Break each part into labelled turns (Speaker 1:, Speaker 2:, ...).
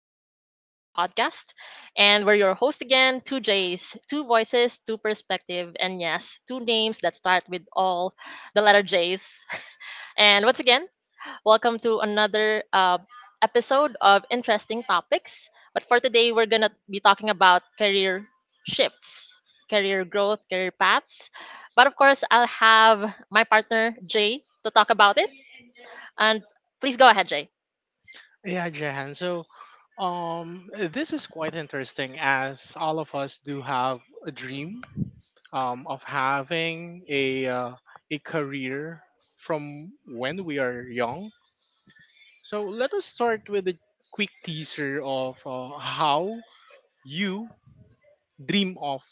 Speaker 1: of Trailblazer Podcast. And we're your host again, two J's, two voices, two perspective, and yes, two names that start with all the letter J's. And once again, welcome to another episode of Interesting Topics. But for today, we're going to be talking about career shifts, career growth, career paths. But of course, I'll have my partner, Jay, to talk about it. And please go ahead, Jay.
Speaker 2: Yeah, Jahan. So, this is quite interesting as all of us do have a dream of having a career from when we are young. So let us start with a quick teaser of how you dream of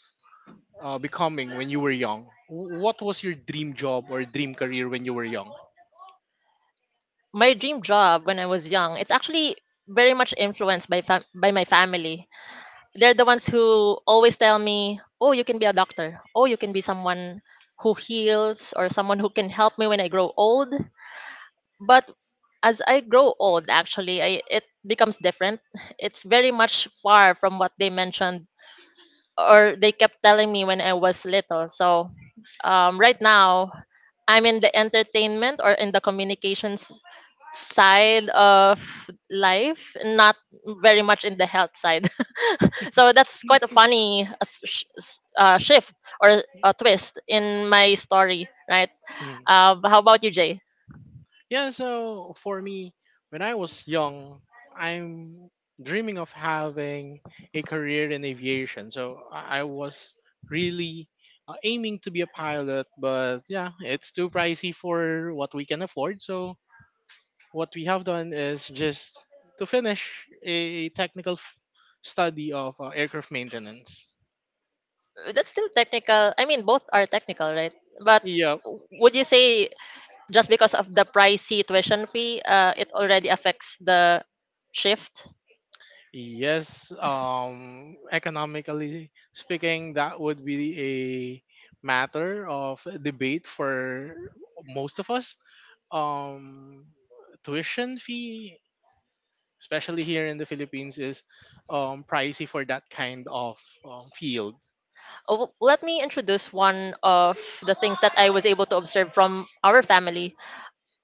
Speaker 2: becoming when you were young. What was your dream job or dream career when you were young?
Speaker 1: My dream job when I was young, it's actually very much influenced by my family. They're the ones who always tell me, "Oh, you can be a doctor. Oh, you can be someone who heals or someone who can help me when I grow old." But as I grow old, actually, it becomes different. It's very much far from what they mentioned or they kept telling me when I was little. So, right now, I'm in the entertainment or in the communications side of life, not very much in the health side. So that's quite a funny shift or a twist in my story, right?
Speaker 2: Mm.
Speaker 1: How about you, Jay?
Speaker 2: Yeah, so for me, when I was young, I'm dreaming of having a career in aviation. So I was really aiming to be a pilot, but yeah, it's too pricey for what we can afford. So what we have done is just to finish a study of aircraft maintenance.
Speaker 1: That's still technical. I mean, both are technical, right? But
Speaker 2: Yeah,
Speaker 1: would you say just because of the pricey tuition fee, it already affects the shift?
Speaker 2: yes, economically speaking, that would be a matter of debate for most of us. Um, Tuition fee, especially here in the Philippines, is pricey for that kind of field.
Speaker 1: Oh, let me introduce one of the things that I was able to observe from our family.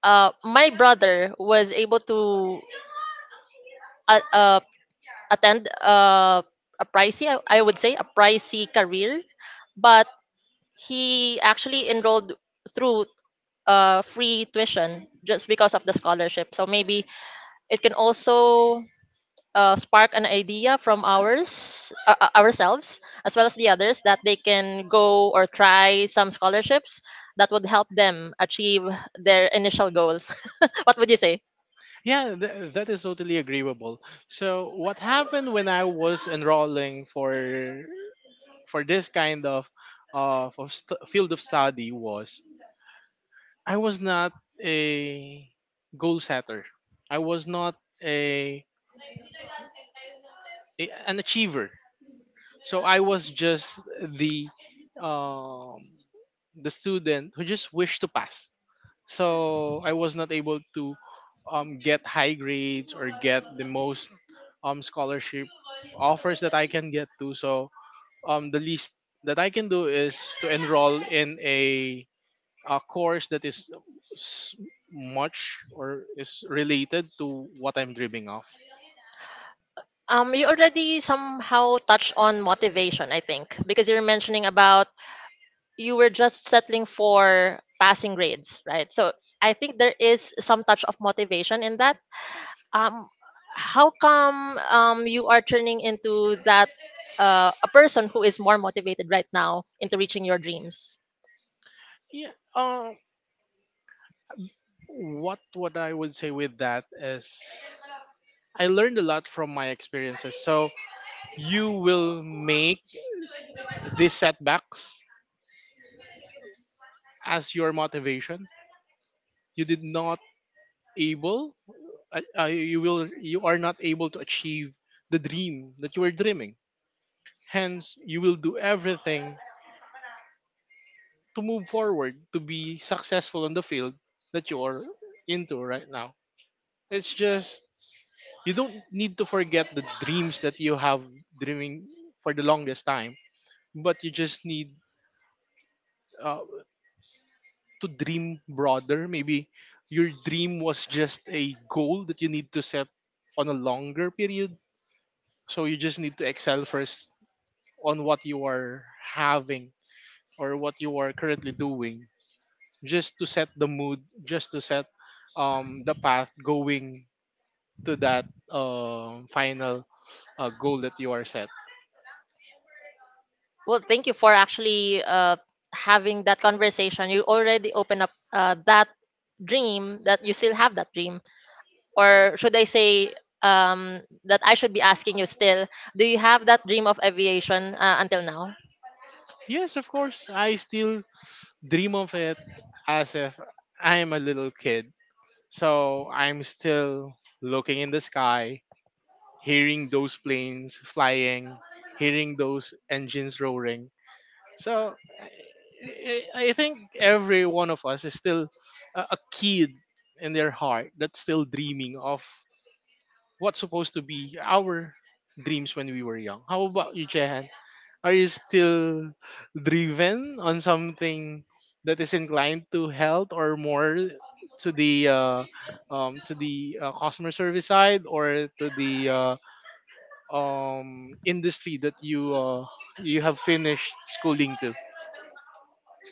Speaker 1: My brother was able to uh, uh, attend a pricey, I would say, a pricey career, but he actually enrolled through free tuition just because of the scholarship. So maybe it can also spark an idea from ourselves as well as the others that they can go or try some scholarships that would help them achieve their initial goals. What would you say?
Speaker 2: Yeah, that is totally agreeable. So, what happened when I was enrolling for this kind of field of study was I was not a goal setter. I was not a, an achiever. So I was just um, the student who just wished to pass. So I was not able to get high grades or get the most scholarship offers that I can get to. So the least that I can do is to enroll in a course that is s- much or is related to what I'm dreaming of.
Speaker 1: You already somehow touched on motivation, I think, because you are mentioning about you were just settling for passing grades, right? So I think there is some touch of motivation in that. um how come you are turning into that a person who is more motivated right now into reaching your dreams?
Speaker 2: Yeah. What I would say with that is I learned a lot from my experiences. So you will make these setbacks as your motivation. You did not able. You will. You are not able to achieve the dream that you were dreaming. Hence, you will do everything to move forward, to be successful in the field that you're into right now. It's just you don't need to forget the dreams that you have dreaming for the longest time, but you just need uh, to dream broader. Maybe your dream was just a goal that you need to set on a longer period. So you just need to excel first on what you are having or what you are currently doing just to set the mood, just to set the path going to that final goal that you are set.
Speaker 1: Well, thank you for actually having that conversation. You already open up that dream, that you still have that dream. Or should I say, um, that I should be asking you, still, do you have that dream of aviation until now?
Speaker 2: Yes, of course, I still dream of it as if I am a little kid. So I'm still looking in the sky, hearing those planes flying, hearing those engines roaring. So I think every one of us is still a kid in their heart that's still dreaming of what's supposed to be our dreams when we were young. How about you, Jehan? Are you still driven on something that is inclined to health or more to the uh, to the customer service side or to the industry that you have finished schooling to?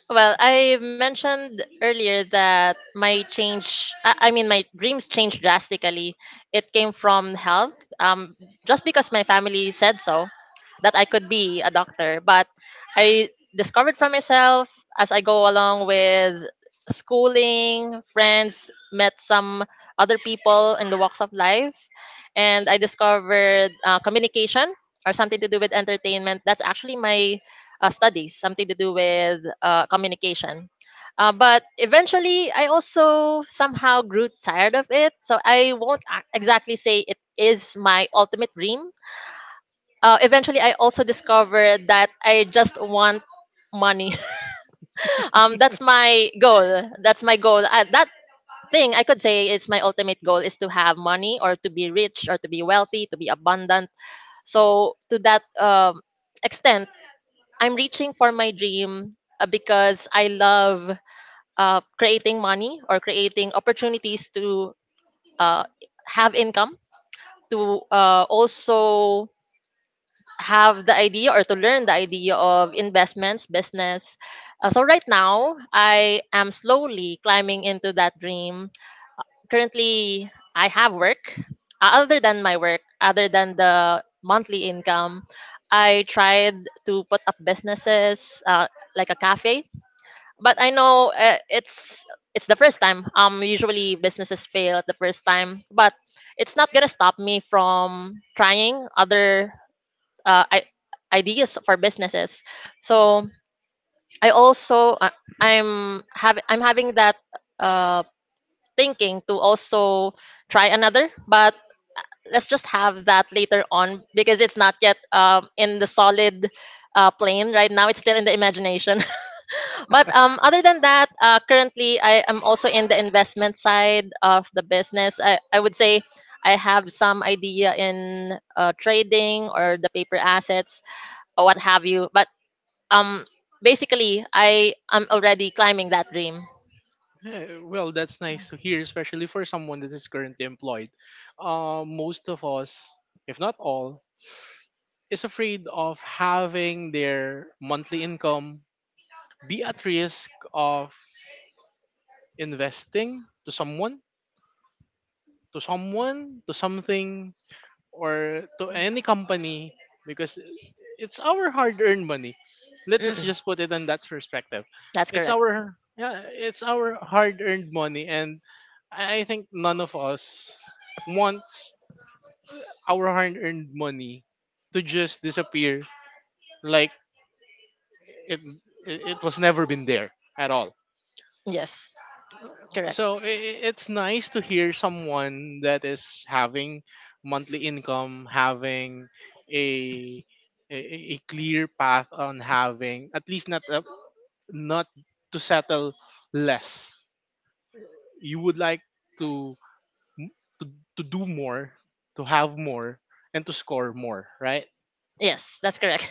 Speaker 1: Well, I mentioned earlier that my change, I mean, my dreams changed drastically. It came from health, just because my family said so, that I could be a doctor. But I discovered for myself as I go along with schooling, friends, met some other people in the walks of life, and I discovered communication or something to do with entertainment. That's actually my studies, something to do with communication. But eventually, I also somehow grew tired of it. So I won't exactly say it is my ultimate dream. Eventually, I also discovered that I just want money. That's my goal. That's my goal. That thing I could say is my ultimate goal is to have money or to be rich or to be wealthy, to be abundant. So to that extent, I'm reaching for my dream because I love creating money or creating opportunities to uh, have income, to also have the idea or to learn the idea of investments, business. So, right now, I am slowly climbing into that dream. Currently, I have work. Other than my work, other than the monthly income, I tried to put up businesses like a cafe, but I know it's the first time. Usually businesses fail at the first time, but it's not gonna stop me from trying other uh, I- ideas for businesses. So I also I'm having that uh thinking to also try another, but let's just have that later on because it's not yet in the solid plane right now. It's still in the imagination. But other than that, currently I am also in the investment side of the business. I would say I have some idea in trading or the paper assets or what have you. But um, basically, I am already climbing that dream.
Speaker 2: Eh, well, that's nice to hear, especially for someone that is currently employed. Most of us, if not all, is afraid of having their monthly income be at risk of investing to someone, to someone, to something or to any company because it's our hard-earned money. Let's just
Speaker 1: Mm-mm,
Speaker 2: just put it in that perspective.
Speaker 1: that's
Speaker 2: It's
Speaker 1: correct.
Speaker 2: our yeah, it's our hard-earned money, and I think none of us wants our hard-earned money to just disappear like it it was never been there at all.
Speaker 1: Yes, correct.
Speaker 2: So it's nice to hear someone that is having monthly income, having a a, a clear path on having at least not not to settle less. You would like to, m- to to do more, to have more, and to score more, right?
Speaker 1: Yes, that's correct.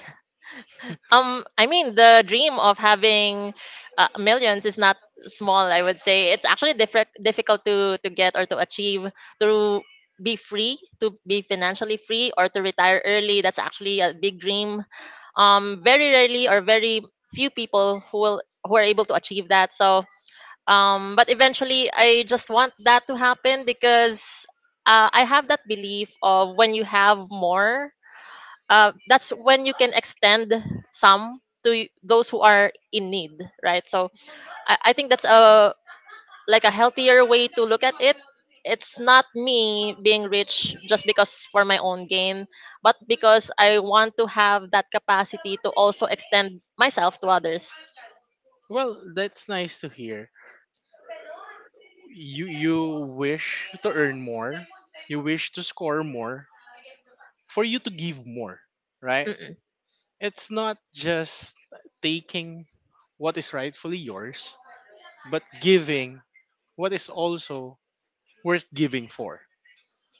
Speaker 1: I mean, the dream of having millions is not small. I would say it's actually difficult to get or to achieve to be free, to be financially free, or to retire early. That's actually a big dream. Very rarely or very few people who are able to achieve that. So, but eventually, I just want that to happen because I have that belief of when you have more, that's when you can extend some to those who are in need, right? So I think that's a like a healthier way to look at it. It's not me being rich just because for my own gain, but because I want to have that capacity to also extend myself to others.
Speaker 2: Well, that's nice to hear. You wish to earn more, you wish to score more for you to give more, right?
Speaker 1: Mm-mm.
Speaker 2: It's not just taking what is rightfully yours, but giving what is also worth giving for.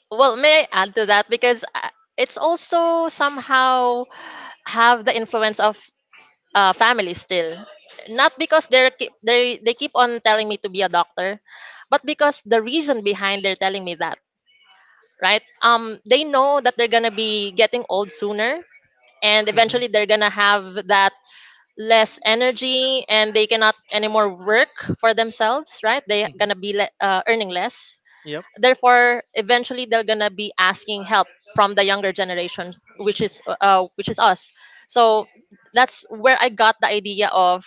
Speaker 1: Well, may I add to that because it's also somehow have the influence of family still. Not because they're they keep on telling me to be a doctor, but because the reason behind they're telling me that, right? They know that they're gonna be getting old sooner, and
Speaker 2: Hmm
Speaker 1: eventually they're gonna have that less energy, and they cannot anymore work for themselves, right? They're
Speaker 2: hmm
Speaker 1: gonna be earning less.
Speaker 2: Yep.
Speaker 1: Therefore, eventually they're gonna be asking help from the younger generations, which is us. So that's where I got the idea of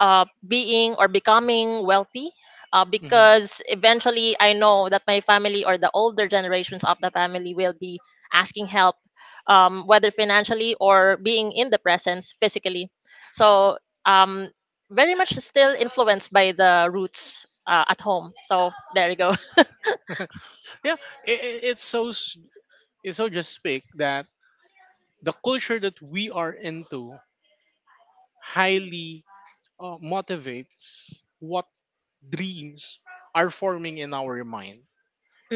Speaker 1: being or becoming wealthy,
Speaker 2: hmm
Speaker 1: because eventually I know that my family or the older generations of the family will be asking help, whether financially or being in the presence physically. So, um, very much still influenced by the roots at home. So, there you go.
Speaker 2: Yeah, it's so it's so just speak that the culture that we are into highly motivates what dreams are forming in our mind.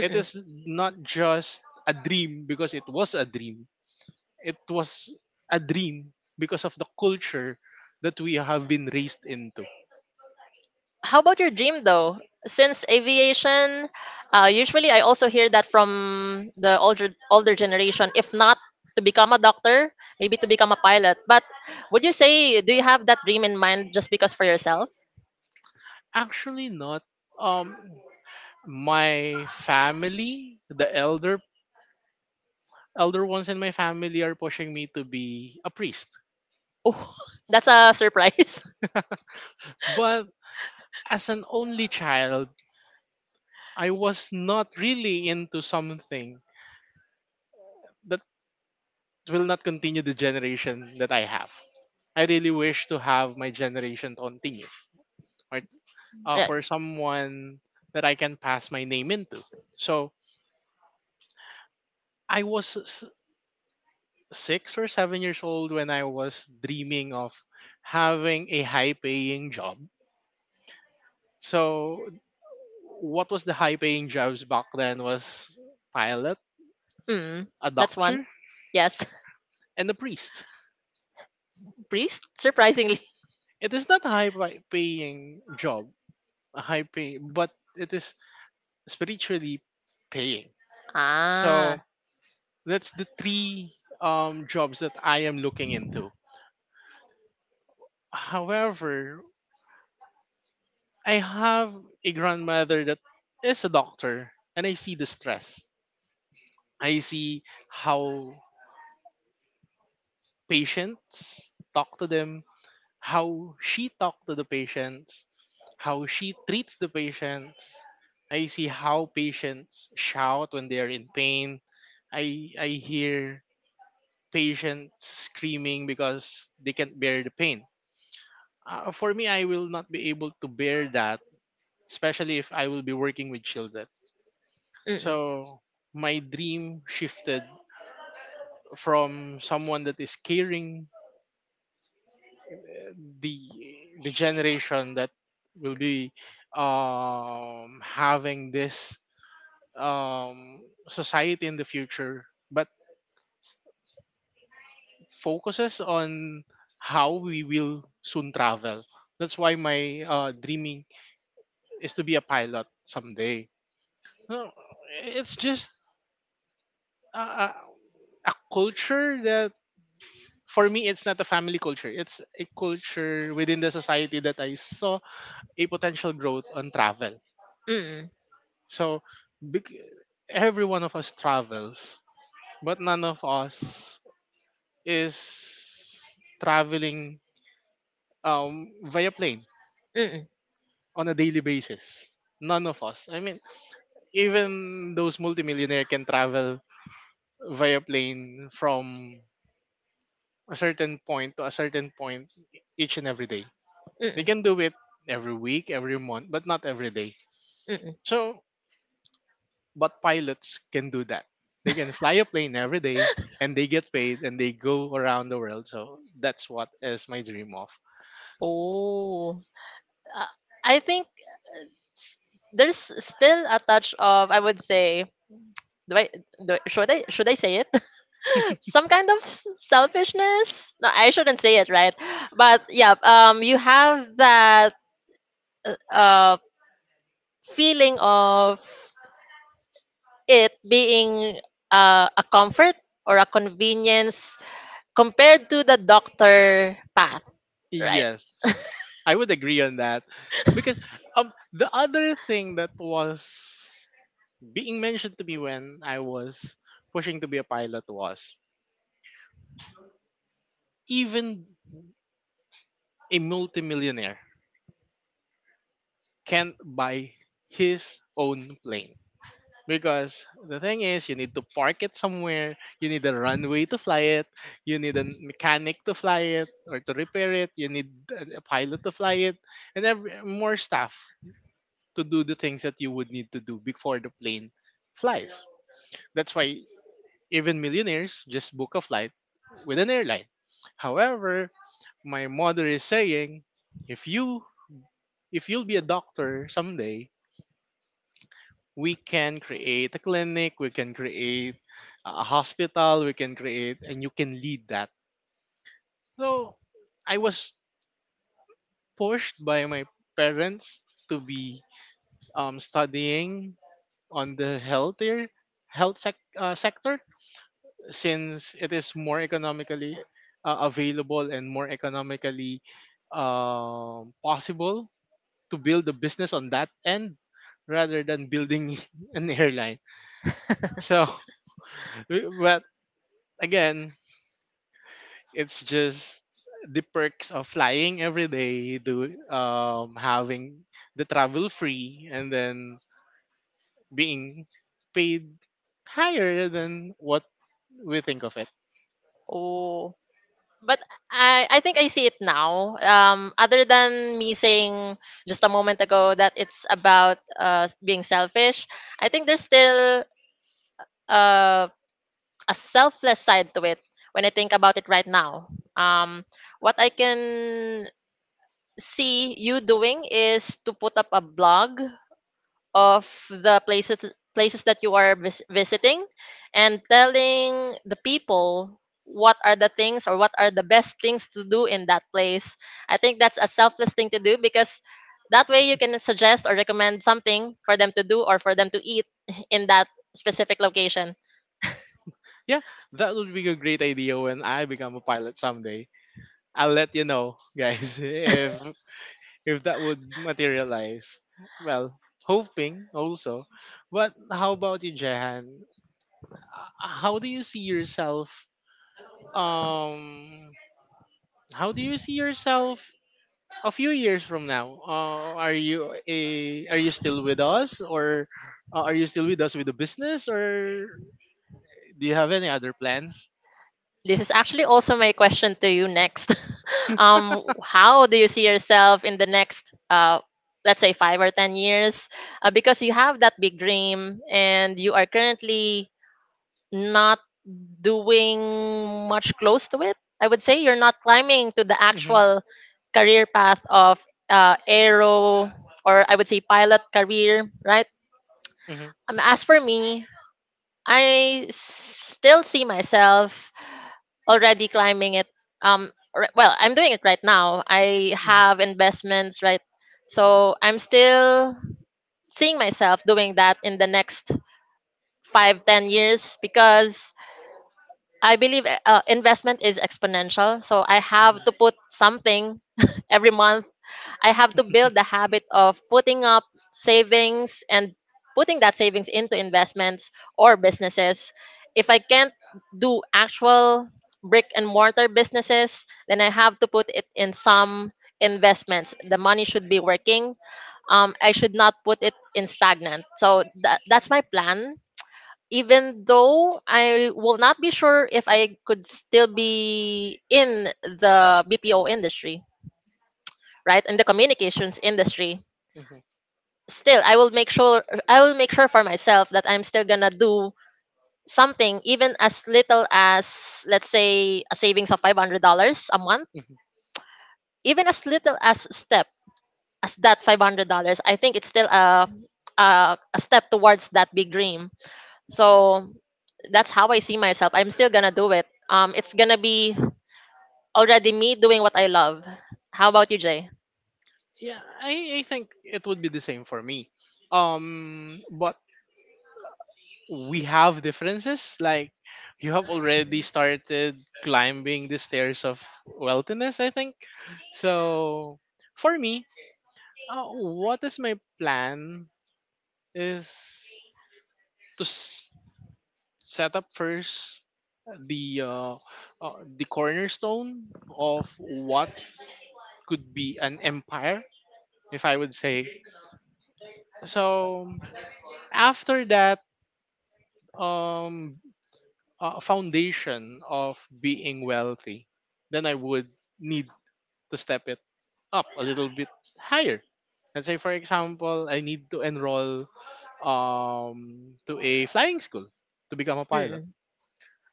Speaker 2: It is not just a dream because it was a dream. It was a dream because of the culture that we have been raised into.
Speaker 1: How about your dream though? Since aviation, usually I also hear that from the older generation. If not to become a doctor, maybe to become a pilot. But would you say do you have that dream in mind just because for yourself?
Speaker 2: Actually, not. Um, my family, the elder ones in my family are pushing me to be a priest.
Speaker 1: Oh, that's a surprise.
Speaker 2: But as an only child, I was not really into something that it will not continue the generation that I have. I really wish to have my generation to continue, or
Speaker 1: yeah.
Speaker 2: for someone that I can pass my name into. So I was 6 or 7 years old when I was dreaming of having a high-paying job. So what was the high-paying jobs back then was pilot,
Speaker 1: Mm,
Speaker 2: a
Speaker 1: that's one.
Speaker 2: doctor,
Speaker 1: Yes,
Speaker 2: and a priest.
Speaker 1: priest. Surprisingly.
Speaker 2: It is not a high-paying job, a high pay, but it is spiritually paying. So
Speaker 1: Ah.
Speaker 2: that's the three jobs that I am looking into. However, I have a grandmother that is a doctor, and I see the stress. I see how patients talk to them, how she talk to the patients, how she treats the patients. I see how patients shout when they are in pain. I hear patients screaming because they can't bear the pain. For me, I will not be able to bear that, especially if I will be working with children.
Speaker 1: Mm.
Speaker 2: So my dream shifted from someone that is caring uh, the the generation that will be having this society in the future, but focuses on how we will soon travel. That's why my dreaming is to be a pilot someday. No, it's just a, a, a culture that for me it's not a family culture. It's a culture within the society that I saw a potential growth on travel.
Speaker 1: Mm.
Speaker 2: So bec- every one of us travels, but none of us is traveling via plane
Speaker 1: Mm.
Speaker 2: on a daily basis. None of us. I mean, even those multimillionaire can travel via plane from a certain point to a certain point each and every day. They
Speaker 1: Mm.
Speaker 2: can do it every week, every month, but not every day.
Speaker 1: Mm.
Speaker 2: So, but pilots can do that. They can fly a plane every day and they get paid and they go around the world. So, that's what is my dream of.
Speaker 1: Oh. Uh, I think s- there's still a touch of, I would say, do I, do I should I say it? Some kind of selfishness? No, I shouldn't say it, right? But yeah, you have that uh, uh, feeling of it being a comfort or a convenience compared to the doctor path, right?
Speaker 2: Yes, I would agree on that. Because the other thing that was being mentioned to me when I was pushing to be a pilot was even a multimillionaire can't buy his own plane because the thing is you need to park it somewhere, you need a runway to fly it, you need a mechanic to fly it or to repair it, you need a pilot to fly it and every, more staff to do the things that you would need to do before the plane flies. That's why even millionaires just book a flight with an airline. However, my mother is saying if you if you'll be a doctor someday, we can create a clinic, we can create a hospital, we can create, and you can lead that. So I was pushed by my parents to be studying on the healthier health sector since it is more economically available and more economically possible to build a business on that end rather than building an airline. So, but again, it's just the perks of flying every day, do having the travel free and then being paid higher than what we think of it.
Speaker 1: Oh, but I think I see it now. Other than me saying just a moment ago that it's about being selfish, I think there's still uh, a selfless side to it when I think about it right now. Um, what I can see you doing is to put up a blog of the places that you are visiting and telling the people what are the things or what are the best things to do in that place. I think that's a selfless thing to do because that way you can suggest or recommend something for them to do or for them to eat in that specific location.
Speaker 2: Yeah, that would be a great idea when I become a pilot someday. I'll let you know, guys, if that would materialize. Well, hoping also. But how about you, Jehan? How do you see yourself um how do you see yourself a few years from now? Are you are you still with us or are you still with us with the business or do you have any other plans?
Speaker 1: This is actually also my question to you next. How do you see yourself in the next, let's say, 5 or 10 years? Because you have that big dream and you are currently not doing much close to it. I would say you're not climbing to the
Speaker 2: Hmm
Speaker 1: actual career path of aero, or I would say pilot career, right?
Speaker 2: hmm
Speaker 1: As for me, I still see myself already climbing it. Well, I'm doing it right now. I
Speaker 2: hmm
Speaker 1: have investments, right? So I'm still seeing myself doing that in the next 5-10 years because I believe investment is exponential, so I have to put something every month. I have to build the habit of putting up savings and putting that savings into investments or businesses. If I can't do actual brick and mortar businesses, then I have to put it in some investments. The money should be working. I should not put it in stagnant. So that's my plan. Even though I will not be sure if I could still be in the BPO industry, right? In the communications industry,
Speaker 2: Mhm.
Speaker 1: still I will make sure, for myself that I'm still gonna do something, even as little as, let's say, a savings of $500 a month.
Speaker 2: Mhm.
Speaker 1: Even as little as step as that $500. I think it's still a step towards that big dream. So that's how I see myself. I'm still gonna do it. It's gonna be already me doing what I love. How about you, Jay?
Speaker 2: Yeah, I think it would be the same for me. But we have differences. Like you have already started climbing the stairs of wealthiness, I think. So for me, what is my plan is to set up first the uh, the cornerstone of what could be an empire, if I would say. So after that, um foundation of being wealthy, then I would need to step it up a little bit higher. Let's say, for example, I need to enroll to a flying school to become a pilot.
Speaker 1: Mm.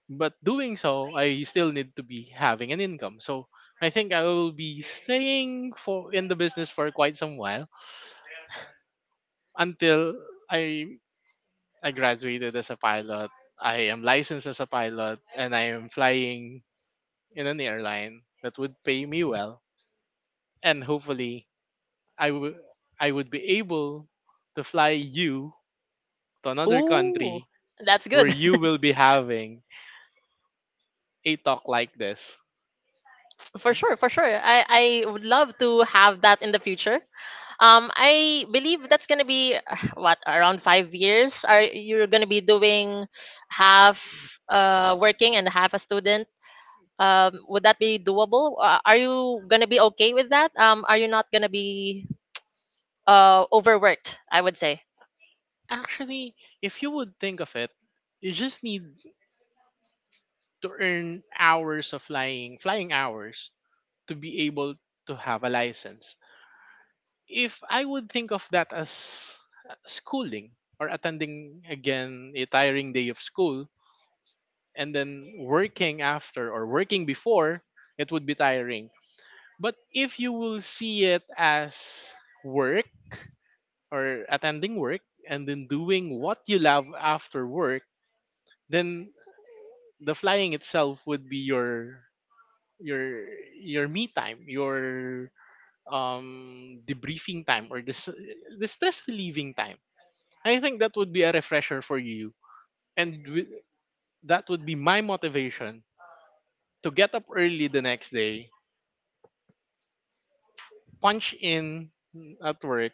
Speaker 2: But doing so, I still need to be having an income. So I think I will be staying for in the business for quite some while until i I graduated as a pilot, I am licensed as a pilot, and I am flying in an airline that would pay me well. And hopefully i would I would be able to fly you to another
Speaker 1: Ooh,
Speaker 2: country
Speaker 1: that's
Speaker 2: where
Speaker 1: good.
Speaker 2: you will be having a talk like this.
Speaker 1: For sure, for sure. I would love to have that in the future. I believe that's gonna be what, around 5 years. Are you're gonna be doing half working and half a student? Would that be doable? Are you gonna be okay with that? Are you not gonna be overworked? I would say
Speaker 2: Actually, if you would think of it, you just need to earn hours of flying, flying hours to be able to have a license. If I would think of that as schooling or attending again a tiring day of school and then working after or working before, it would be tiring. But if you will see it as work or attending work and then doing what you love after work, then the flying itself would be your your me time, your debriefing time or the stress relieving time. I think that would be a refresher for you, and that would be my motivation to get up early the next day, punch in at work,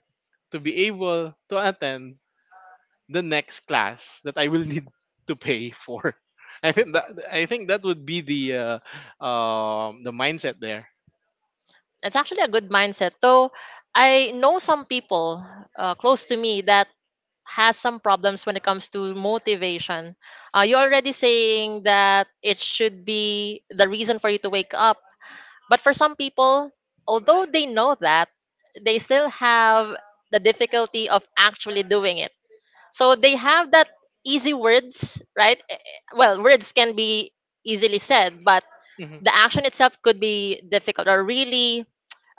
Speaker 2: to be able to attend the next class that I will need to pay for. I think that would be the mindset there.
Speaker 1: it's actually a good mindset. Though I know some people close to me that has some problems when it comes to motivation. You're already saying that it should be the reason for you to wake up. But for some people, although they know that, they still have the difficulty of actually doing it. So they have that easy words, right? Well, words can be easily said, but
Speaker 2: Mhm.
Speaker 1: the action itself could be difficult or really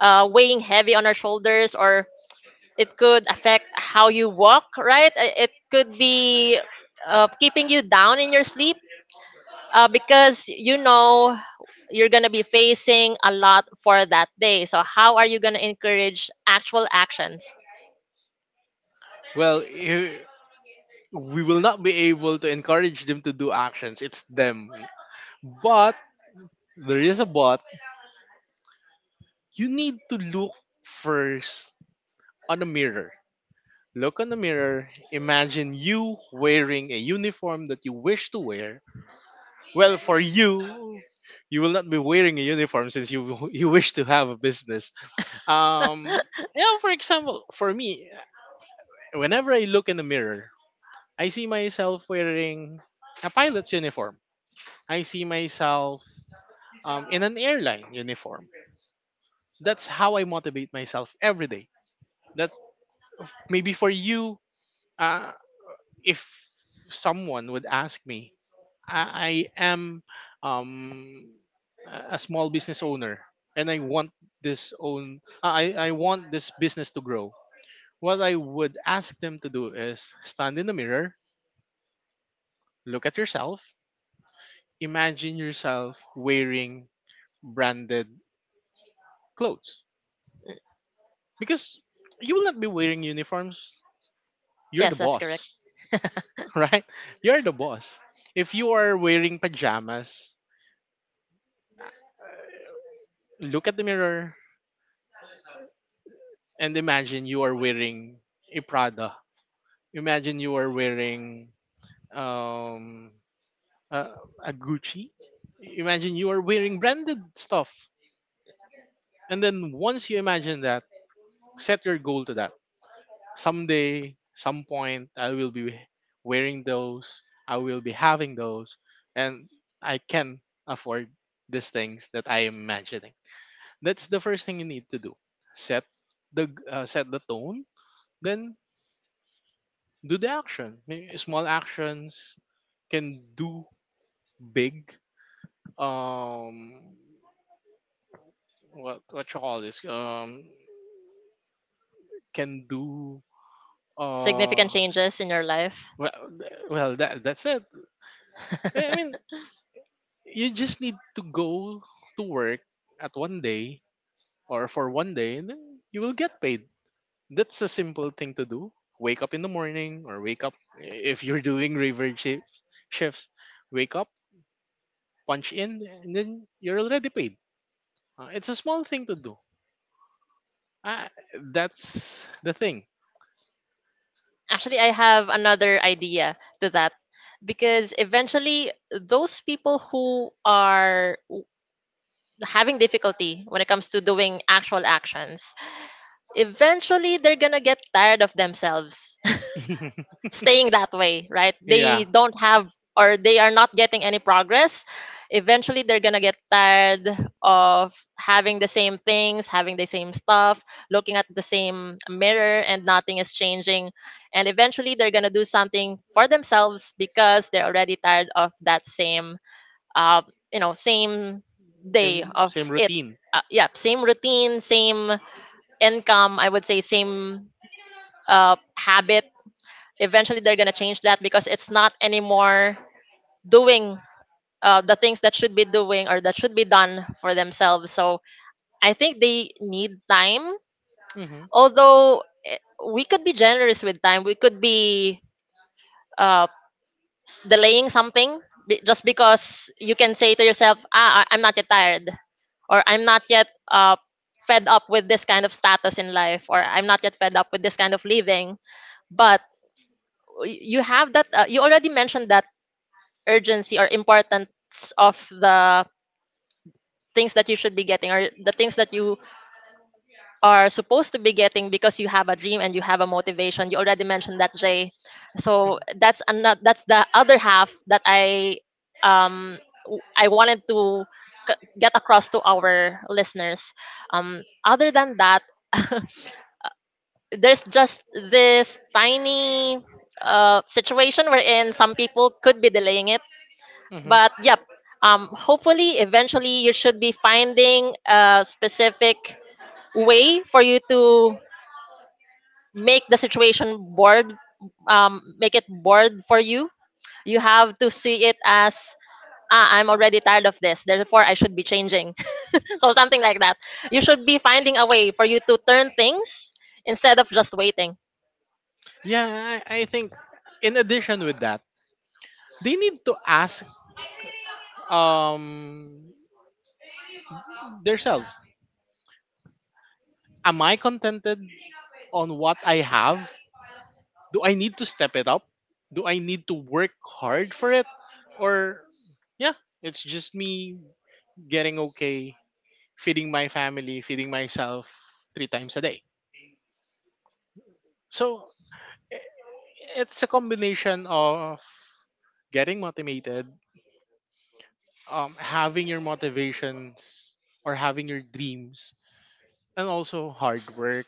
Speaker 1: weighing heavy on our shoulders, or it could affect how you walk, right? It could be keeping you down in your sleep because you know you're going to be facing a lot for that day. So how are you going to encourage actual actions?
Speaker 2: Well, we will not be able to encourage them to do actions. It's them. But there is a but. You need to look first on a mirror. Look on the mirror. Imagine you wearing a uniform that you wish to wear. Well, for you, you will not be wearing a uniform since you you wish to have a business. Um, yeah, for example, for me, whenever I look in the mirror, I see myself wearing a pilot's uniform. I see myself in an airline uniform. That's how I motivate myself every day. That's maybe for you. Uh, if someone would ask me, I am um, a small business owner, and I want this own. I want this business to grow. What I would ask them to do is stand in the mirror, look at yourself, imagine yourself wearing branded clothes, because you will not be wearing uniforms. You're the
Speaker 1: Yes, that's correct.
Speaker 2: boss, right? You're the boss. If you are wearing pajamas, look at the mirror and imagine you are wearing a Prada. Imagine you are wearing um, a, a Gucci. Imagine you are wearing branded stuff. And then once you imagine that, set your goal to that. Someday, some point, I will be wearing those. I will be having those, and I can afford these things that I am mentioning. That's the first thing you need to do. Set set the tone, then do the action. Small actions can do big. Um, what you call this? Can do. Uh,
Speaker 1: Significant changes in your life.
Speaker 2: well, well, that's it. I mean, you just need to go to work at one day or for one day, and then you will get paid. That's a simple thing to do. Wake up in the morning, or wake up, if you're doing river shifts, wake up, punch in, and then you're already paid. It's a small thing to do, uh, that's the thing.
Speaker 1: Actually, I have another idea to that, because eventually those people who are having difficulty when it comes to doing actual actions, eventually they're gonna get tired of themselves staying that way, right?
Speaker 2: Yeah.
Speaker 1: They don't have, or they are not getting any progress. Eventually they're gonna get tired of having the same things, having the same stuff, looking at the same mirror and nothing is changing. And eventually they're gonna do something for themselves because they're already tired of that same uh, you know, same day
Speaker 2: Same
Speaker 1: of it.
Speaker 2: routine.
Speaker 1: Yeah, same routine, same income, I would say same habit. Eventually they're gonna change that because it's not anymore doing the things that should be doing or that should be done for themselves. So I think they need time.
Speaker 2: Hmm.
Speaker 1: Although we could be generous with time, we could be uh, delaying something just because you can say to yourself, "Ah, I'm not yet tired," or "I'm not yet fed up with this kind of status in life," or "I'm not yet fed up with this kind of living." But you have that. You already mentioned that urgency or importance of the things that you should be getting or the things that you are supposed to be getting, because you have a dream and you have a motivation. You already mentioned that, Jay.
Speaker 2: Hmm.
Speaker 1: So that's another, that's the other half that I um I wanted to get across to our listeners. Um, other than that, there's just this tiny situation wherein some people could be delaying it.
Speaker 2: Mhm.
Speaker 1: But yep, um, hopefully eventually you should be finding a specific way for you to make the situation bored. Um, make it bored for you. You have to see it as, ah, I'm already tired of this, therefore I should be changing. So something like that. You should be finding a way for you to turn things instead of just waiting,
Speaker 2: Yeah, I think in addition with that, they need to ask um themselves, am I contented on what I have? Do I need to step it up? Do I need to work hard for it? Or yeah, it's just me getting okay, feeding my family, feeding myself three times a day. So i- it's a combination of getting motivated, having your motivations or having your dreams, and also hard work,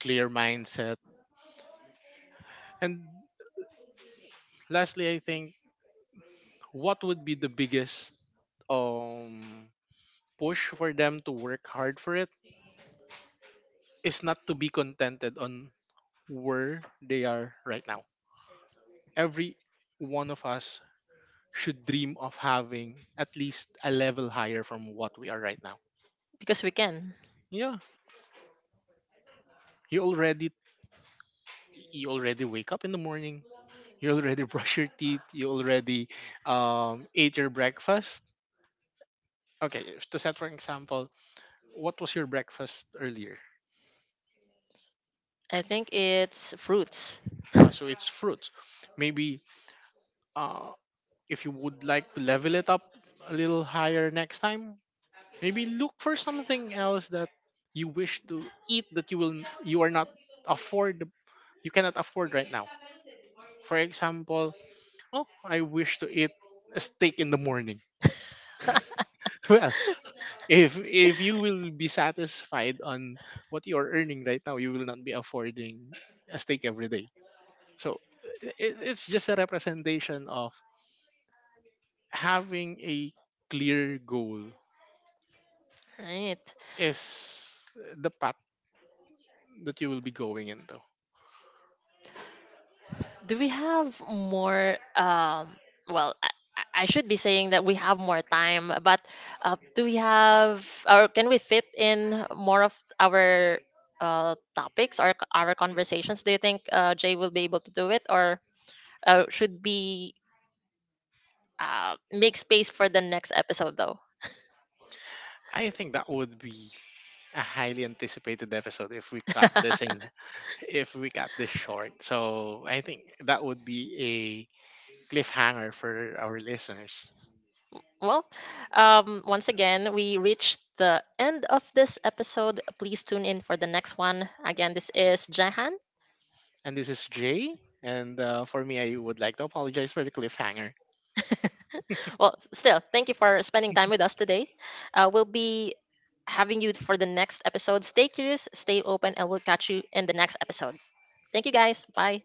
Speaker 2: clear mindset. And lastly, I think what would be the biggest um push for them to work hard for it is not to be contented on where they are right now. Every one of us should dream of having at least a level higher from what we are right now.
Speaker 1: because we can.
Speaker 2: Yeah, you already you already wake up in the morning. You already brush your teeth. You already ate your breakfast. Okay, to set for example, what was your breakfast earlier?
Speaker 1: I think it's fruits.
Speaker 2: So it's fruits. Maybe uh, if you would like to level it up a little higher next time, maybe look for something else that you wish to eat, that you are not afford, you cannot afford right now. For example, oh, I wish to eat a steak in the morning. Well, if you will be satisfied on what you are earning right now, you will not be affording a steak every day. So it's just a representation of having a clear goal
Speaker 1: Right.
Speaker 2: is the path that you will be going into.
Speaker 1: Do we have more, um, well, I, I should be saying that we have more time, but do we have, or can we fit in more of our topics or our conversations? Do you think, Jay will be able to do it, or should be, make space for the next episode though?
Speaker 2: I think that would be a highly anticipated episode if we cut this in if we cut this short. So I think that would be a cliffhanger for our listeners.
Speaker 1: Well, once again we reached the end of this episode. Please tune in for the next one. Again, this is Jahan.
Speaker 2: And this is Jay. And for me, I would like to apologize for the cliffhanger.
Speaker 1: Well, still, thank you for spending time with us today. We'll be having you for the next episode. Stay curious, stay open, and we'll catch you in the next episode. Thank you guys. Bye.